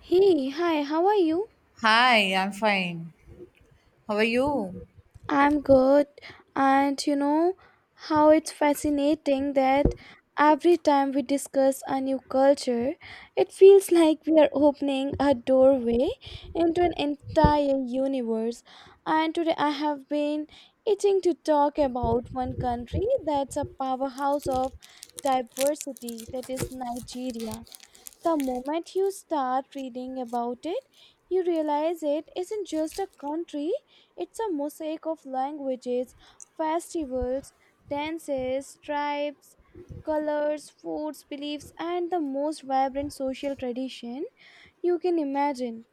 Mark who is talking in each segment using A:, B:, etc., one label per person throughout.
A: Hey, hi, how are you?
B: Hi, I'm fine. How are you?
A: I'm good. And you know how it's fascinating that every time we discuss a new culture, it feels like we are opening a doorway into an entire universe. And today I have been itching to talk about one country that's a powerhouse of diversity, that is Nigeria. The moment you start reading about it, you realize it isn't just a country, it's a mosaic of languages, festivals, dances, tribes, colors, foods, beliefs, and the most vibrant social tradition you can imagine.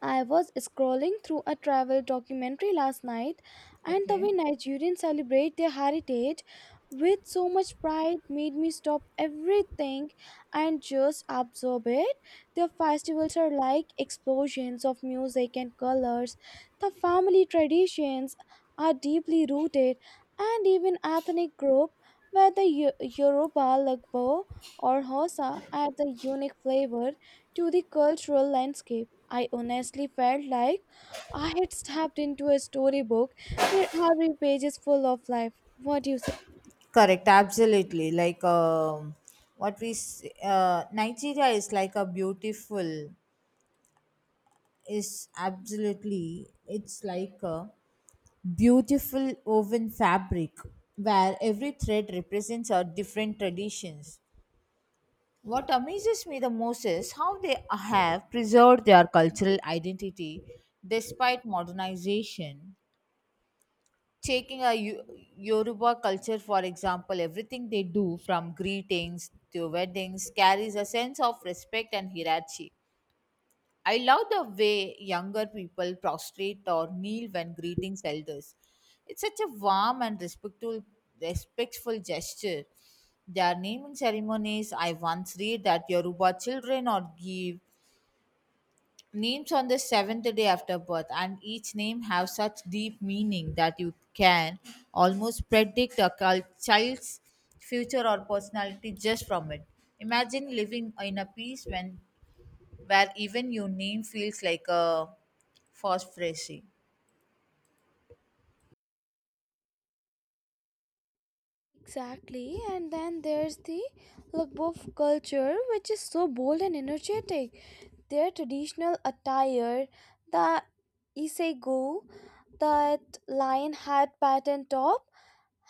A: I was scrolling through a travel documentary last night, and the way
B: Okay.
A: Nigerians celebrate their heritage with so much pride made me stop everything and just absorb it. Their festivals are like explosions of music and colors. The family traditions are deeply rooted, and even ethnic group, whether Yoruba, Lagbo, or Hosa, add a unique flavor to the cultural landscape. I honestly felt like I had stepped into a storybook where every page is full of life. What do you say?
B: Correct, absolutely. What we Nigeria is like a beautiful is absolutely it's like a beautiful woven fabric where every thread represents our different traditions. What amazes me the most is how they have preserved their cultural identity despite modernization taking a Yoruba culture, for example, everything they do from greetings to weddings carries a sense of respect and hierarchy. I love the way younger people prostrate or kneel when greeting elders. It's such a warm and respectful gesture. Their naming ceremonies, I once read that Yoruba children or give names on the seventh day after birth and each name have such deep meaning that you can almost predict a child's future or personality just from it. Imagine living in a peace when where even your name feels like a phosphorus.
A: Exactly, and then there's the Lukbov culture, which is so bold and energetic. Their traditional attire, the isego, that lion hat pattern top,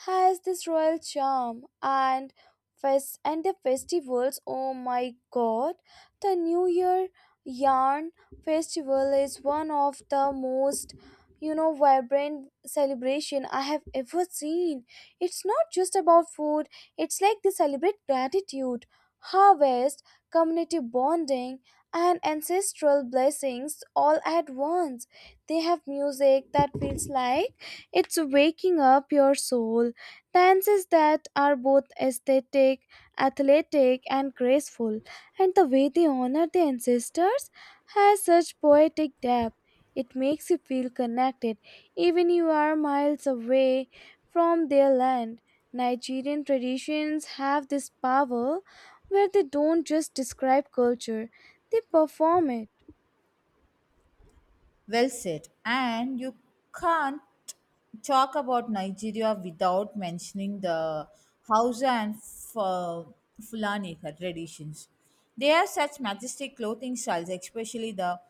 A: has this royal charm and fest and the festivals. Oh my god, the new year yarn festival is one of the most, you know, vibrant celebration I have ever seen. It's not just about food, it's like they celebrate gratitude, harvest, community bonding, and ancestral blessings all at once. They have music that feels like it's waking up your soul. Dances that are both aesthetic, athletic, and graceful, and the way they honor their ancestors has such poetic depth. It makes you feel connected, even you are miles away from their land. Nigerian traditions have this power where they don't just describe culture, they perform it.
B: Well said. And you can't talk about Nigeria without mentioning the Hausa and Fulani traditions. They have such majestic clothing styles, especially the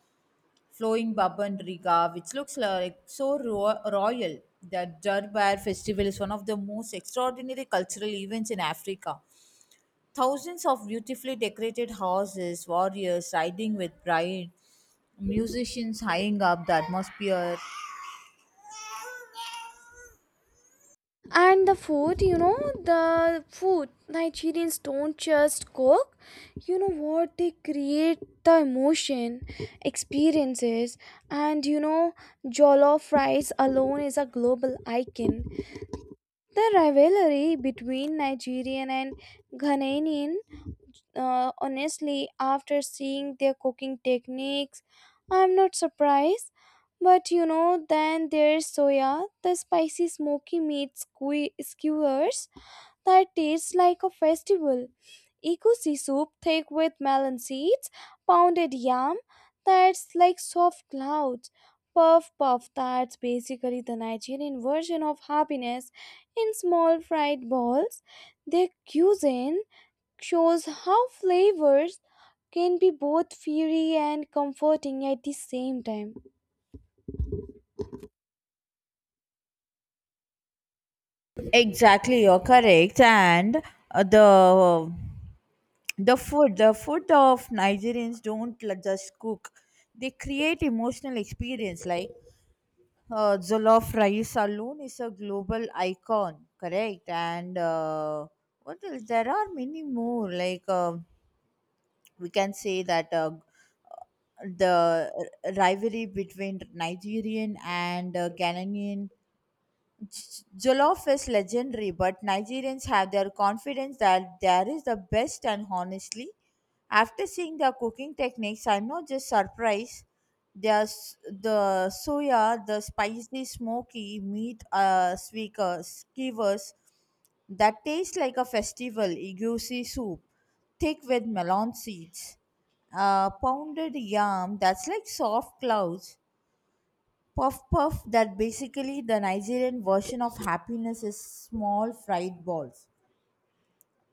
B: flowing baban riga, which looks like so royal. The Durbar festival is one of the most extraordinary cultural events in Africa. Thousands of beautifully decorated horses, warriors riding with pride, musicians high up the atmosphere.
A: And the food, you know, the food, Nigerians don't just cook. You know what? They create the emotion, experiences, and, you know, jollof rice alone is a global icon. The rivalry between Nigerian and Ghanaian, honestly, after seeing their cooking techniques, I'm not surprised. But you know, then there's soya, the spicy smoky meat skewers that tastes like a festival. Egusi soup thick with melon seeds, pounded yam that's like soft clouds. Puff puff that's basically the Nigerian version of happiness in small fried balls. Their cuisine shows how flavors can be both fiery and comforting at the same time.
B: Exactly, you're correct. And the the food of Nigerians don't just cook; they create emotional experience. Jollof rice alone is a global icon, correct? And what else? There are many more. We can say that the rivalry between Nigerian and Ghanaian Jollof is legendary, but Nigerians have their confidence that there is the best, and honestly, after seeing their cooking techniques, I'm not just surprised. There's the soya, the spicy, smoky meat skewers that taste like a festival, igusi soup, thick with melon seeds, pounded yam that's like soft clouds, Puff puff, that basically the Nigerian version of happiness is small fried balls.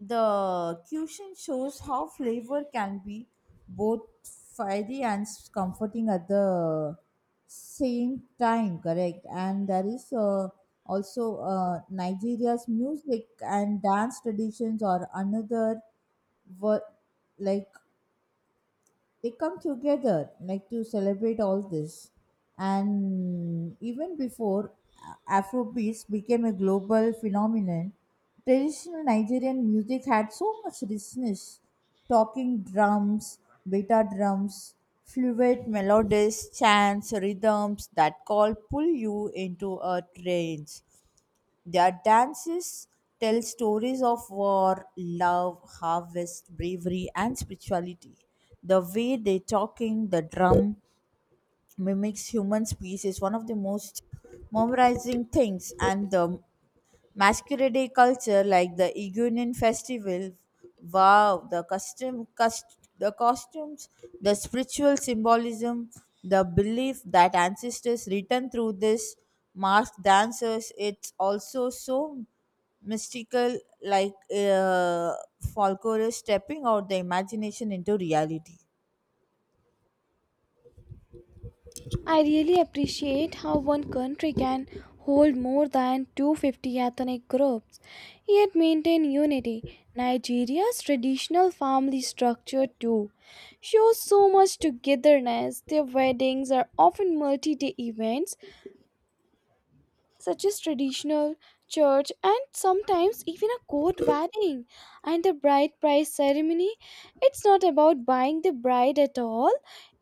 B: The cuisine shows how flavor can be both fiery and comforting at the same time, correct? And there is also Nigeria's music and dance traditions are another were like they come together like to celebrate all this, and even before afrobeats became a global phenomenon, traditional Nigerian music had so much richness: talking drums, beta drums, fluid melodies, chants, rhythms that call pull you into a trance. Their dances tell stories of war, love, harvest, bravery, and spirituality. The way they talking the drum mimics human speech is one of the most memorizing things, and the Masquerade culture like the Iguanian festival. Wow, the the costumes, the spiritual symbolism, the belief that ancestors return through this masked dancers. It's also so mystical, like uh, folklore is stepping out the imagination into reality.
A: I really appreciate how one country can hold more than 250 ethnic groups yet maintain unity. Nigeria's traditional family structure, too, shows so much togetherness. Their weddings are often multi day events such as traditional, church, and sometimes even a court wedding and the bride price ceremony. It's not about buying the bride at all,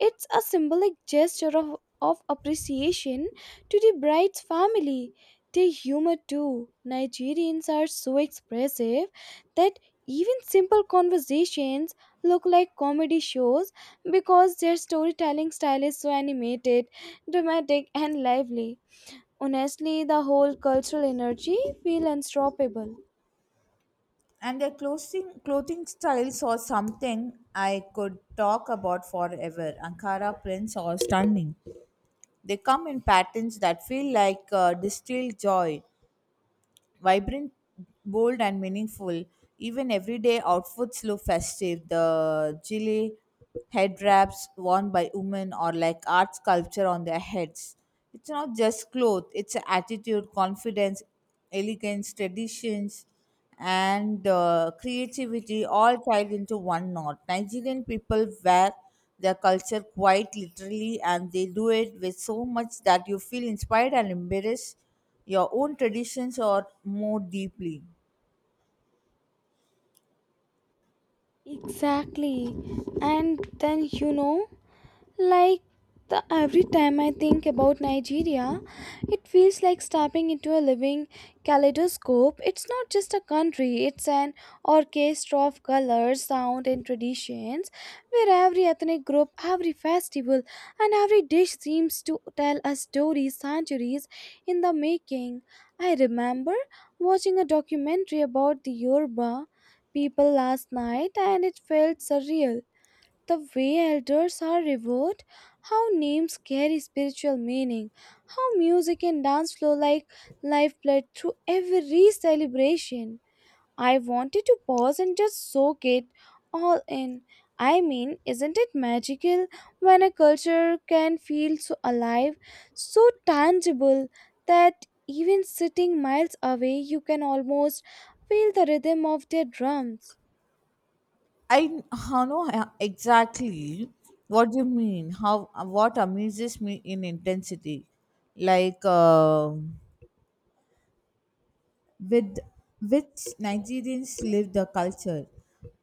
A: it's a symbolic gesture of appreciation to the bride's family. They humor too. Nigerians are so expressive that even simple conversations look like comedy shows because their storytelling style is so animated, dramatic, and lively. Honestly, the whole cultural energy feel unstoppable.
B: And their clothing styles or something I could talk about forever. Ankara prints are stunning. They come in patterns that feel distilled joy, vibrant, bold, and meaningful. Even everyday outfits look festive. The jilly head wraps worn by women or like art sculpture on their heads. It's not just clothes, it's attitude, confidence, elegance, traditions, and creativity all tied into one knot. Nigerian people wear their culture quite literally and they do it with so much that you feel inspired and embarrassed your own traditions or more deeply.
A: Exactly. And then, you know, like the every time I think about Nigeria, it feels like stepping into a living kaleidoscope. It's not just a country, it's an orchestra of colors, sound and traditions where every ethnic group, every festival and every dish seems to tell a story centuries in the making. I remember watching a documentary about the Yoruba people last night and it felt surreal the way elders are revered, how names carry spiritual meaning, how music and dance flow like lifeblood through every celebration. I wanted to pause and just soak it all in. I mean, isn't it magical when a culture can feel so alive, so tangible that even sitting miles away, you can almost feel the rhythm of their drums?
B: I how know Exactly what you mean. How What amazes me in intensity like uh, with which Nigerians live the culture.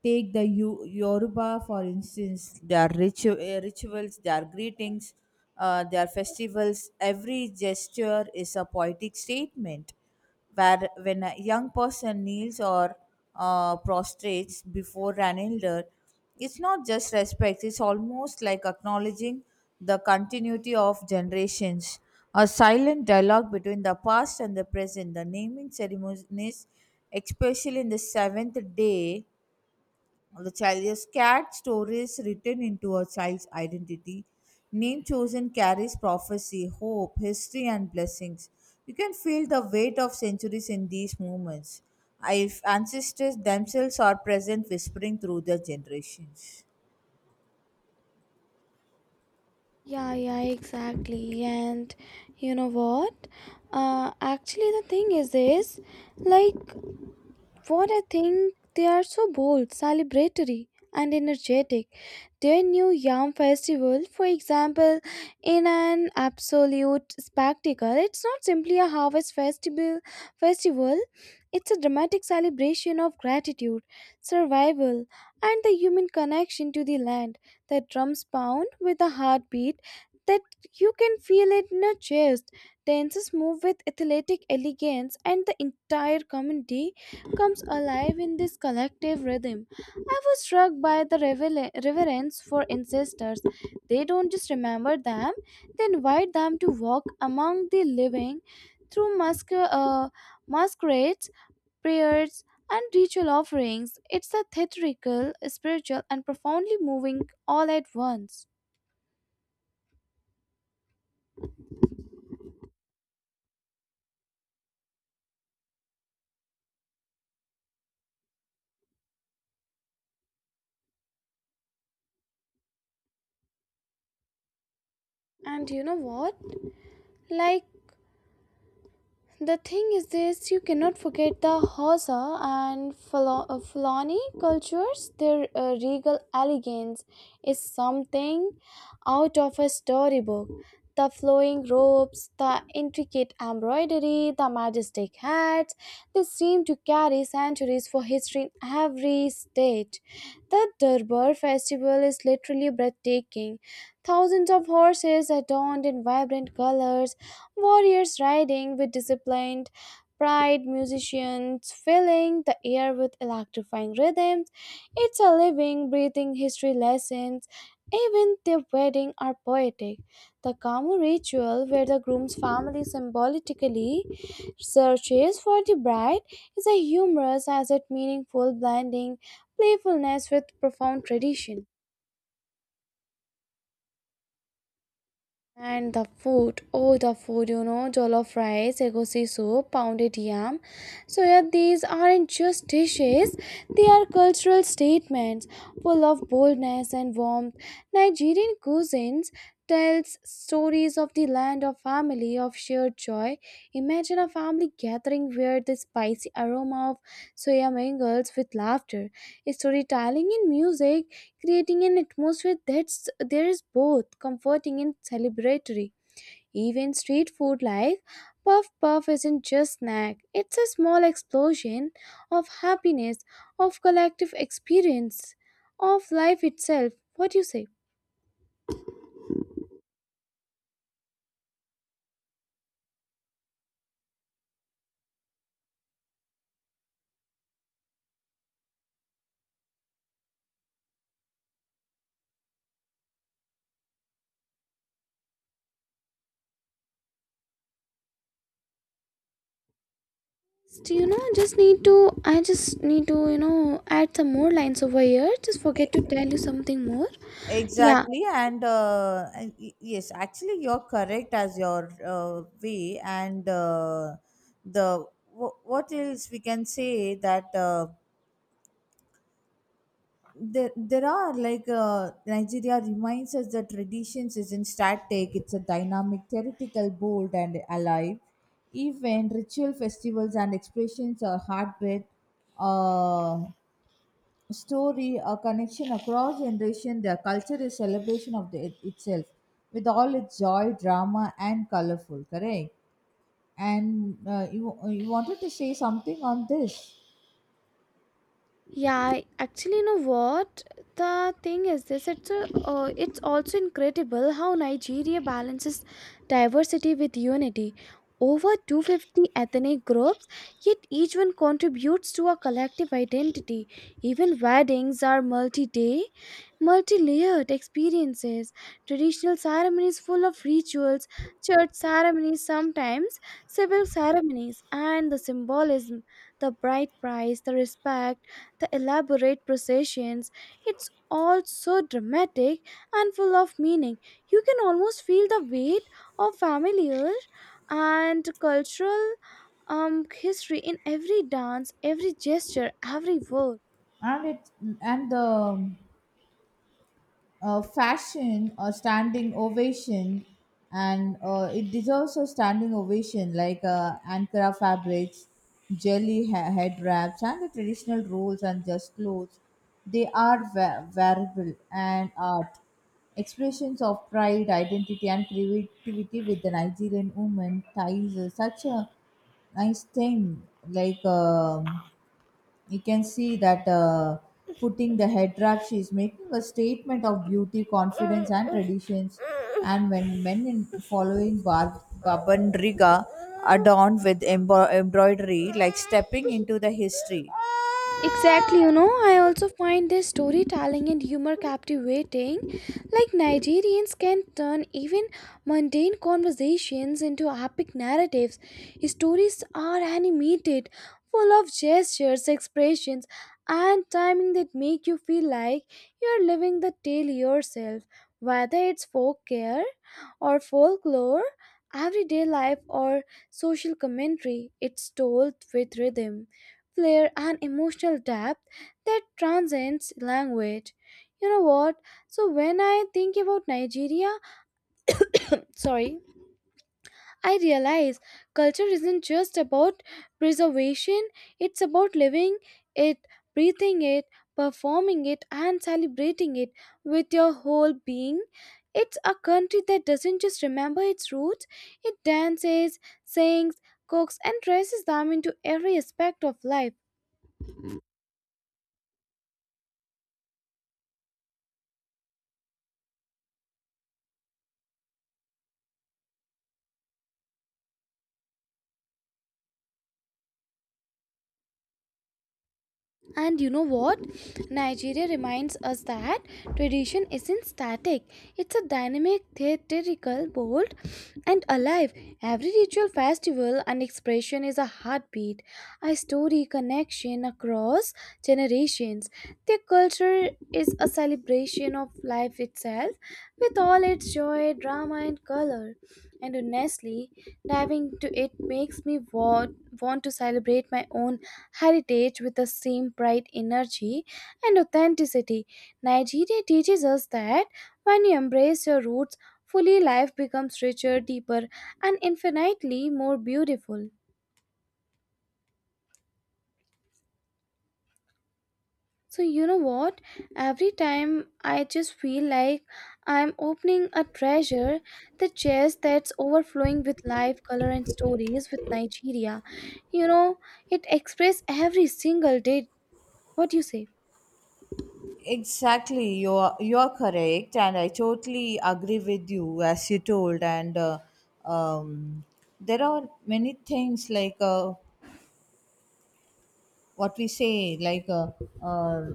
B: Take the Yoruba, for instance, their rituals, their greetings, their festivals, every gesture is a poetic statement. Where when a young person kneels or prostrates before an elder, it's not just respect, it's almost like acknowledging the continuity of generations, a silent dialogue between the past and the present. The naming ceremonies, especially in the seventh day, of the child's cat stories written into a child's identity. Name chosen carries prophecy, hope, history, and blessings. You can feel the weight of centuries in these moments. If ancestors themselves are present, whispering through their generations.
A: Yeah, yeah, exactly. And you know what? Actually, the thing is this, like, for I think they are so bold, celebratory, and energetic. Their new Yam Festival, for example, in an absolute spectacle, it's not simply a harvest festival, it's a dramatic celebration of gratitude, survival, and the human connection to the land. The drums pound with a heartbeat that you can feel it in your chest. Dancers move with athletic elegance, and the entire community comes alive in this collective rhythm. I was struck by the reverence for ancestors. They don't just remember them, they invite them to walk among the living through masquerades, prayers, and ritual offerings. It's a theatrical, spiritual, and profoundly moving all at once. And you know what? Like, the thing is this you cannot forget the Hausa and Fulani cultures. Their regal elegance is something out of a storybook. The flowing robes, the intricate embroidery, the majestic hats, they seem to carry centuries for history in every state. The Durbar festival is literally breathtaking. Thousands of horses adorned in vibrant colors, warriors riding with disciplined pride, musicians filling the air with electrifying rhythms. It's a living, breathing history lessons. Even their wedding are poetic. The Kamu ritual, where the groom's family symbolically searches for the bride, is a humorous as it meaningful blending playfulness with profound tradition. And the food, oh the food, you know, jollof rice, egusi soup, pounded yam. So yeah, these aren't just dishes; they are cultural statements, full of boldness and warmth. Nigerian cuisines tells stories. Praise of the land of family of shared joy. Imagine a family gathering where the spicy aroma of soya mingles with laughter, storytelling and music, creating an atmosphere that's there is both comforting and celebratory. Even street food like puff puff isn't just snack; it's a small explosion of happiness, of collective experience, of life itself. What do you say? Do you know, I just need to, I just need to, you know, add some more lines over here. Just forget to tell you something more. Yeah,
B: Exactly, and yes, actually, you're correct as your way, and the what else we can say that there are Nigeria reminds us that traditions isn't static; it's a dynamic, theoretical, bold, and alive. Even ritual festivals and expressions are hard with. Uh, Story, a connection across generation. Their culture is celebration of the, it itself, with all its joy, drama, and colorful. Correct. And you wanted to say something on this,
A: yeah, actually, you know what? The thing is this, it's a, it's also incredible how Nigeria balances diversity with unity. Over 250 ethnic groups, yet each one contributes to a collective identity. Even weddings are multi-day, multi-layered experiences. Traditional ceremonies full of rituals, church ceremonies sometimes, civil ceremonies, and the symbolism, the bride price, the respect the elaborate processions. It's all so dramatic and full of meaning. You can almost feel the weight of familiar and cultural history in every dance, every gesture, every word.
B: and it and the fashion a standing ovation and it deserves a standing ovation ankara fabrics, jelly head wraps and the traditional rolls and just clothes, they are wearable and art expressions of pride, identity and creativity with the Nigerian woman ties is such a nice thing. like um you can see that putting the head wrap she is making a statement of beauty, confidence and traditions, and when men in following babandriga adorned with embroidery like stepping into the history.
A: Exactly, you know, I also find their storytelling and humor captivating. Like, Nigerians can turn even mundane conversations into epic narratives. Stories are animated, full of gestures, expressions, and timing that make you feel like you're living the tale yourself. Whether it's folklore or folklore, everyday life, or social commentary. It's told with rhythm, flair, and emotional depth that transcends language. You know what? So, when I think about Nigeria, sorry, I realize culture isn't just about preservation, it's about living it, breathing it, performing it, and celebrating it with your whole being. It's a country that doesn't just remember its roots, it dances, sings, cooks, and dresses them into every aspect of life. And you know what? Nigeria reminds us that tradition isn't static. It's a dynamic, theatrical, bold, and alive. Every ritual, festival, and expression is a heartbeat, a story connection across generations. Their culture is a celebration of life itself, with all its joy, drama, and color. And honestly, diving into it makes me want to celebrate my own heritage with the same bright energy and authenticity. Nigeria teaches us that when you embrace your roots fully, life becomes richer, deeper, and infinitely more beautiful. So, you know what? Every time I just feel like I'm opening a treasure, the chest that's overflowing with life, color, and stories with Nigeria. You know, it expresses every single day. What do you say?
B: Exactly, you are correct and I totally agree with you as you told and um, there are many things like what we say uh,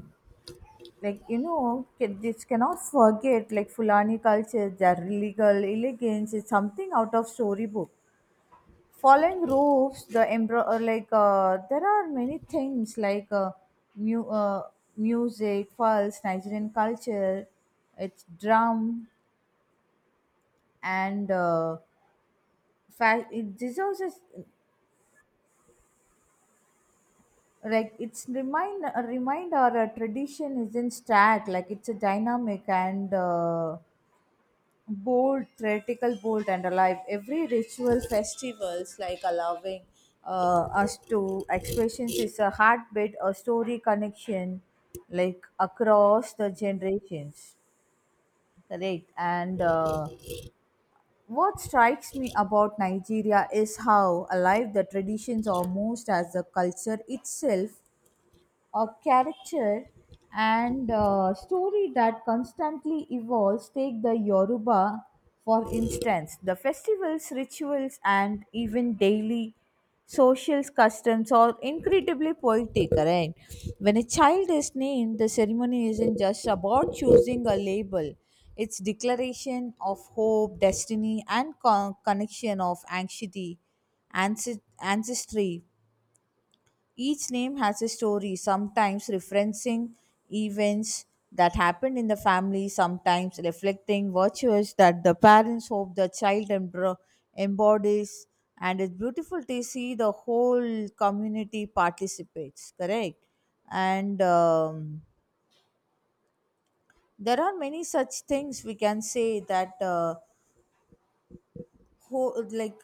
B: like you know this cannot forget like Fulani culture, their legal elegance is something out of storybook, falling roofs, the embro- or like there are many things mu- uh, music false Nigerian culture, it's drum and fact it, this also is, like it's remind a reminder a tradition isn't static, like it's a dynamic and bold, theatrical, bold, and alive. Every ritual, festivals, like allowing us to expressions, is a heartbeat, a story connection, like across the generations. Correct. And what strikes me about Nigeria is how alive the traditions are, most as the culture itself a character and story that constantly evolves. Take the Yoruba, for instance. The festivals, rituals, and even daily social customs are incredibly poetic, right? When a child is named, the ceremony isn't just about choosing a label. It's declaration of hope, destiny, and connection of anxiety ancestry. Each name has a story, sometimes referencing events that happened in the family, sometimes reflecting virtues that the parents hope the child embodies. And it's beautiful to see the whole community participates, correct? And there are many such things we can say that. Whole like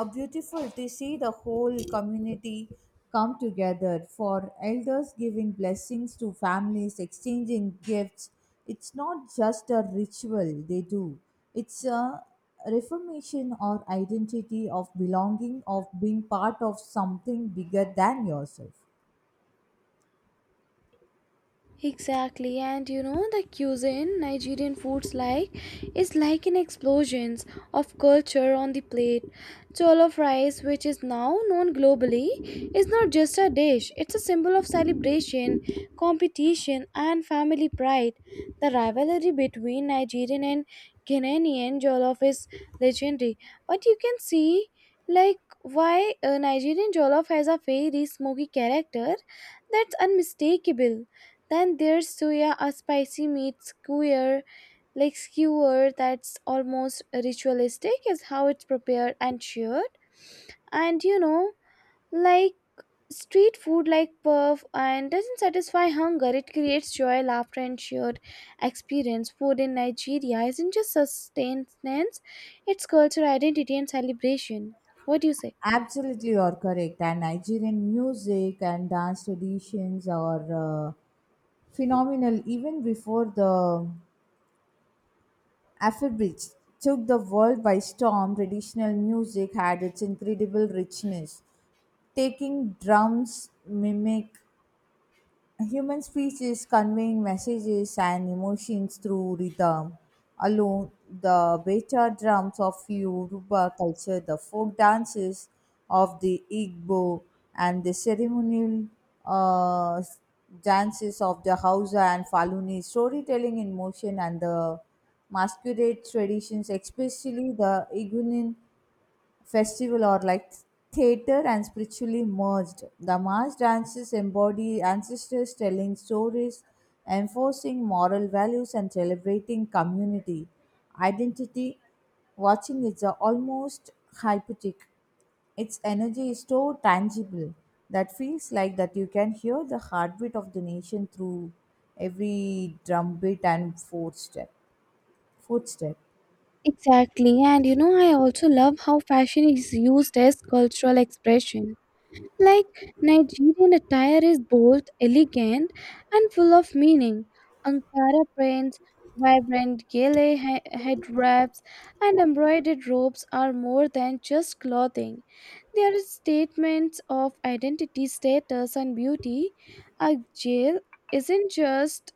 B: a beautiful to see the whole community come together for elders giving blessings to families exchanging gifts, it's not just a ritual they do, it's a reformation or identity of belonging of being part of something bigger than yourself.
A: Exactly, and you know the cuisine, Nigerian foods like is like an explosion of culture on the plate. Jollof rice, which is now known globally, is not just a dish; it's a symbol of celebration, competition, and family pride. The rivalry between Nigerian and Ghanaian jollof is legendary, but you can see like why Nigerian jollof has a very smoky character that's unmistakable. Then there's suya, a spicy meat skewer, like skewer that's almost ritualistic is how it's prepared and shared. And you know, like street food like puff and doesn't satisfy hunger. It creates joy, laughter, and shared experience. Food in Nigeria isn't just sustenance; it's cultural identity and celebration. What do you say?
B: Absolutely, you are correct. And Nigerian music and dance traditions are phenomenal even before the Afrobeats took the world by storm. Traditional music had its incredible richness, taking drums, mimic human speech is conveying messages and emotions through rhythm. Alone, the beta drums of Yoruba culture, the folk dances of the Igbo, and the ceremonial uh, dances of the Hausa and Faluni, storytelling in motion, and the masquerade traditions, especially the Igunin festival or like theater and spiritually merged. The mass dances embody ancestors telling stories, enforcing moral values, and celebrating community identity. Watching is a almost hypnotic. Its energy is so tangible that feels like that you can hear the heartbeat of the nation through every drumbeat and footstep.
A: Exactly, and you know, I also love how fashion is used as cultural expression. Like Nigerian attire is both elegant and full of meaning. Ankara prints, vibrant gele head wraps, and embroidered robes are more than just clothing. They are statements of identity, status, and beauty. A jail isn't just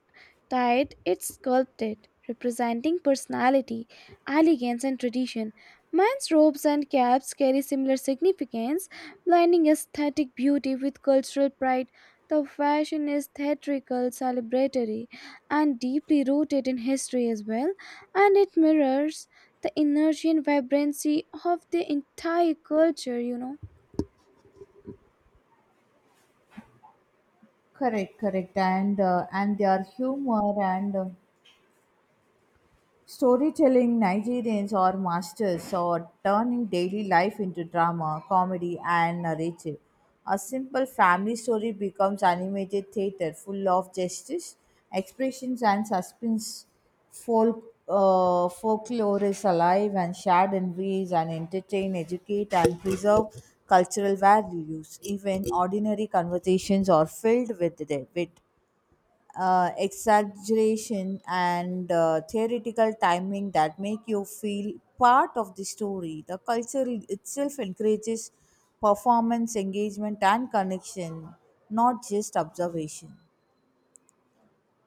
A: tied, it's sculpted, representing personality, elegance, and tradition. Men's robes and caps carry similar significance, blending aesthetic beauty with cultural pride. The fashion is theatrical, celebratory, and deeply rooted in history as well, and it mirrors the energy and vibrancy of the entire culture, you know.
B: Correct, and their humor and. Storytelling Nigerians are masters at turning daily life into drama, comedy, and narrative. A simple family story becomes animated theater full of justice, expressions, and suspense. Folklore is alive and shared in ways and entertain, educate, and preserve cultural values. Even ordinary conversations are filled with the wit exaggeration and theoretical timing that make you feel part of the story. The culture itself encourages performance, engagement, and connection, not just observation.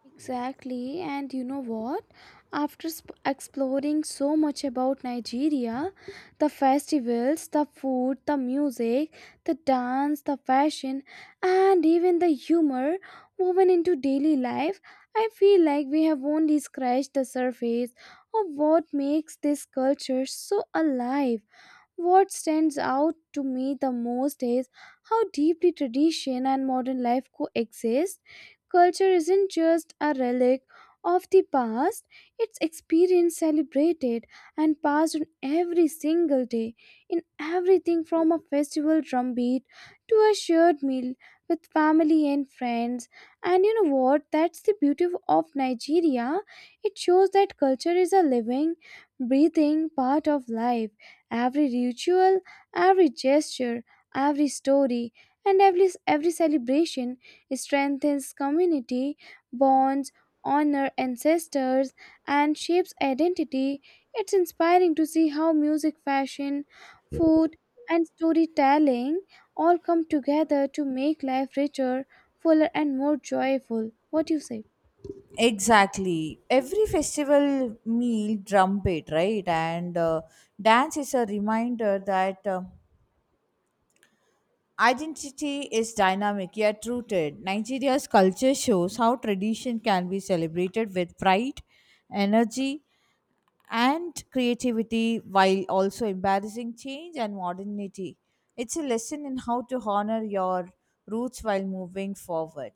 A: Exactly, and you know what? After exploring so much about Nigeria, the festivals, the food, the music, the dance, the fashion, and even the humor woven into daily life, I feel like we have only scratched the surface of what makes this culture so alive. What stands out to me the most is how deeply tradition and modern life coexist. Culture isn't just a relic of the past, it's experience celebrated, and passed on every single day, in everything from a festival drumbeat to a shared meal with family and friends. And you know what? That's the beauty of Nigeria. It shows that culture is a living, breathing part of life. Every ritual, every gesture, every story, and every celebration strengthens community bonds, honor ancestors, and shapes identity. It's inspiring to see how music, fashion, food, and storytelling all come together to make life richer, fuller, and more joyful. What do you say?
B: Exactly. Every festival meal, drumbeat, right? And dance is a reminder that. Identity is dynamic yet rooted. Nigeria's culture shows how tradition can be celebrated with pride, energy, and creativity while also embarrassing change and modernity. It's a lesson in how to honor your roots while moving forward.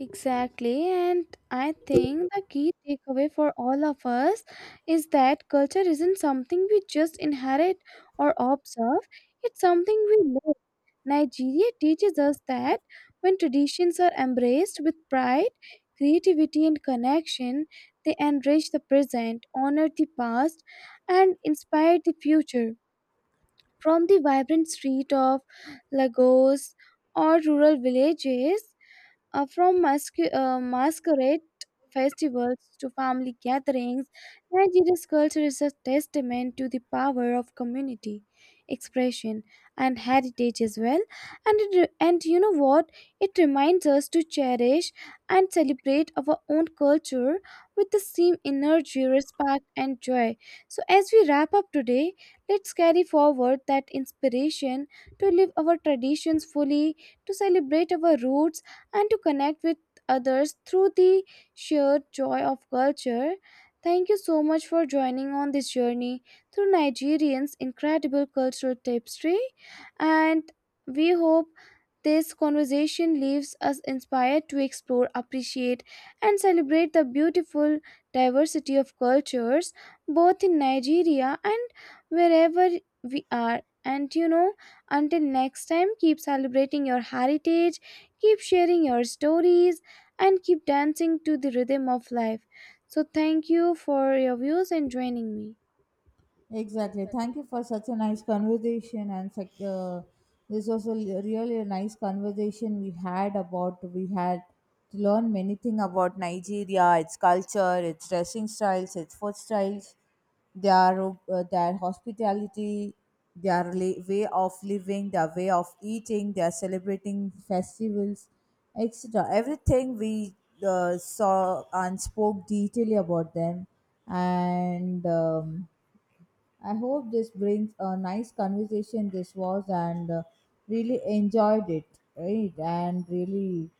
A: Exactly, and I think the key takeaway for all of us is that culture isn't something we just inherit or observe, it's something we live. Nigeria teaches us that when traditions are embraced with pride, creativity, and connection, they enrich the present, honor the past, and inspire the future. From the vibrant street of Lagos or rural villages from masquerade festivals to family gatherings, Nigeria's culture is a testament to the power of community, expression, and heritage as well. And and you know what? It reminds us to cherish and celebrate our own culture with the same energy, respect, and joy. So as we wrap up today, let's carry forward that inspiration to live our traditions fully, to celebrate our roots and to connect with others through the sheer joy of culture. Thank you so much for joining on this journey through Nigerians' incredible cultural tapestry, and we hope this conversation leaves us inspired to explore, appreciate, and celebrate the beautiful diversity of cultures both in Nigeria and wherever we are. And you know, until next time, keep celebrating your heritage, keep sharing your stories, and keep dancing to the rhythm of life. So thank you for your views and joining me.
B: Exactly. Thank you for such a nice conversation and such, this was a l- really a nice conversation we had about we had to learn many things about Nigeria, its culture, its dressing styles, its food styles, their their hospitality, their way of living, their way of eating, their celebrating festivals, etc. Everything we saw and spoke detailedly about them and I hope this brings a nice conversation. This was and really enjoyed it, right? And really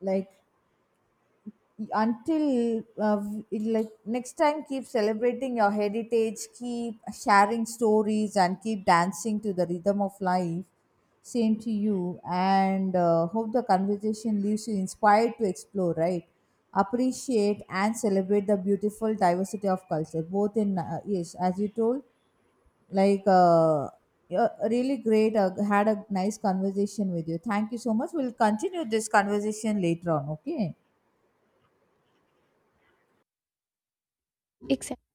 B: like until like next time, keep celebrating your heritage, keep sharing stories, and keep dancing to the rhythm of life. Same to you, and hope the conversation leaves you inspired to explore, right? Appreciate and celebrate the beautiful diversity of culture, both in yes, as you told. Like, uh, yeah, really great. Had a nice conversation with you. Thank you so much. We'll continue this conversation later on. Okay.
A: Exactly.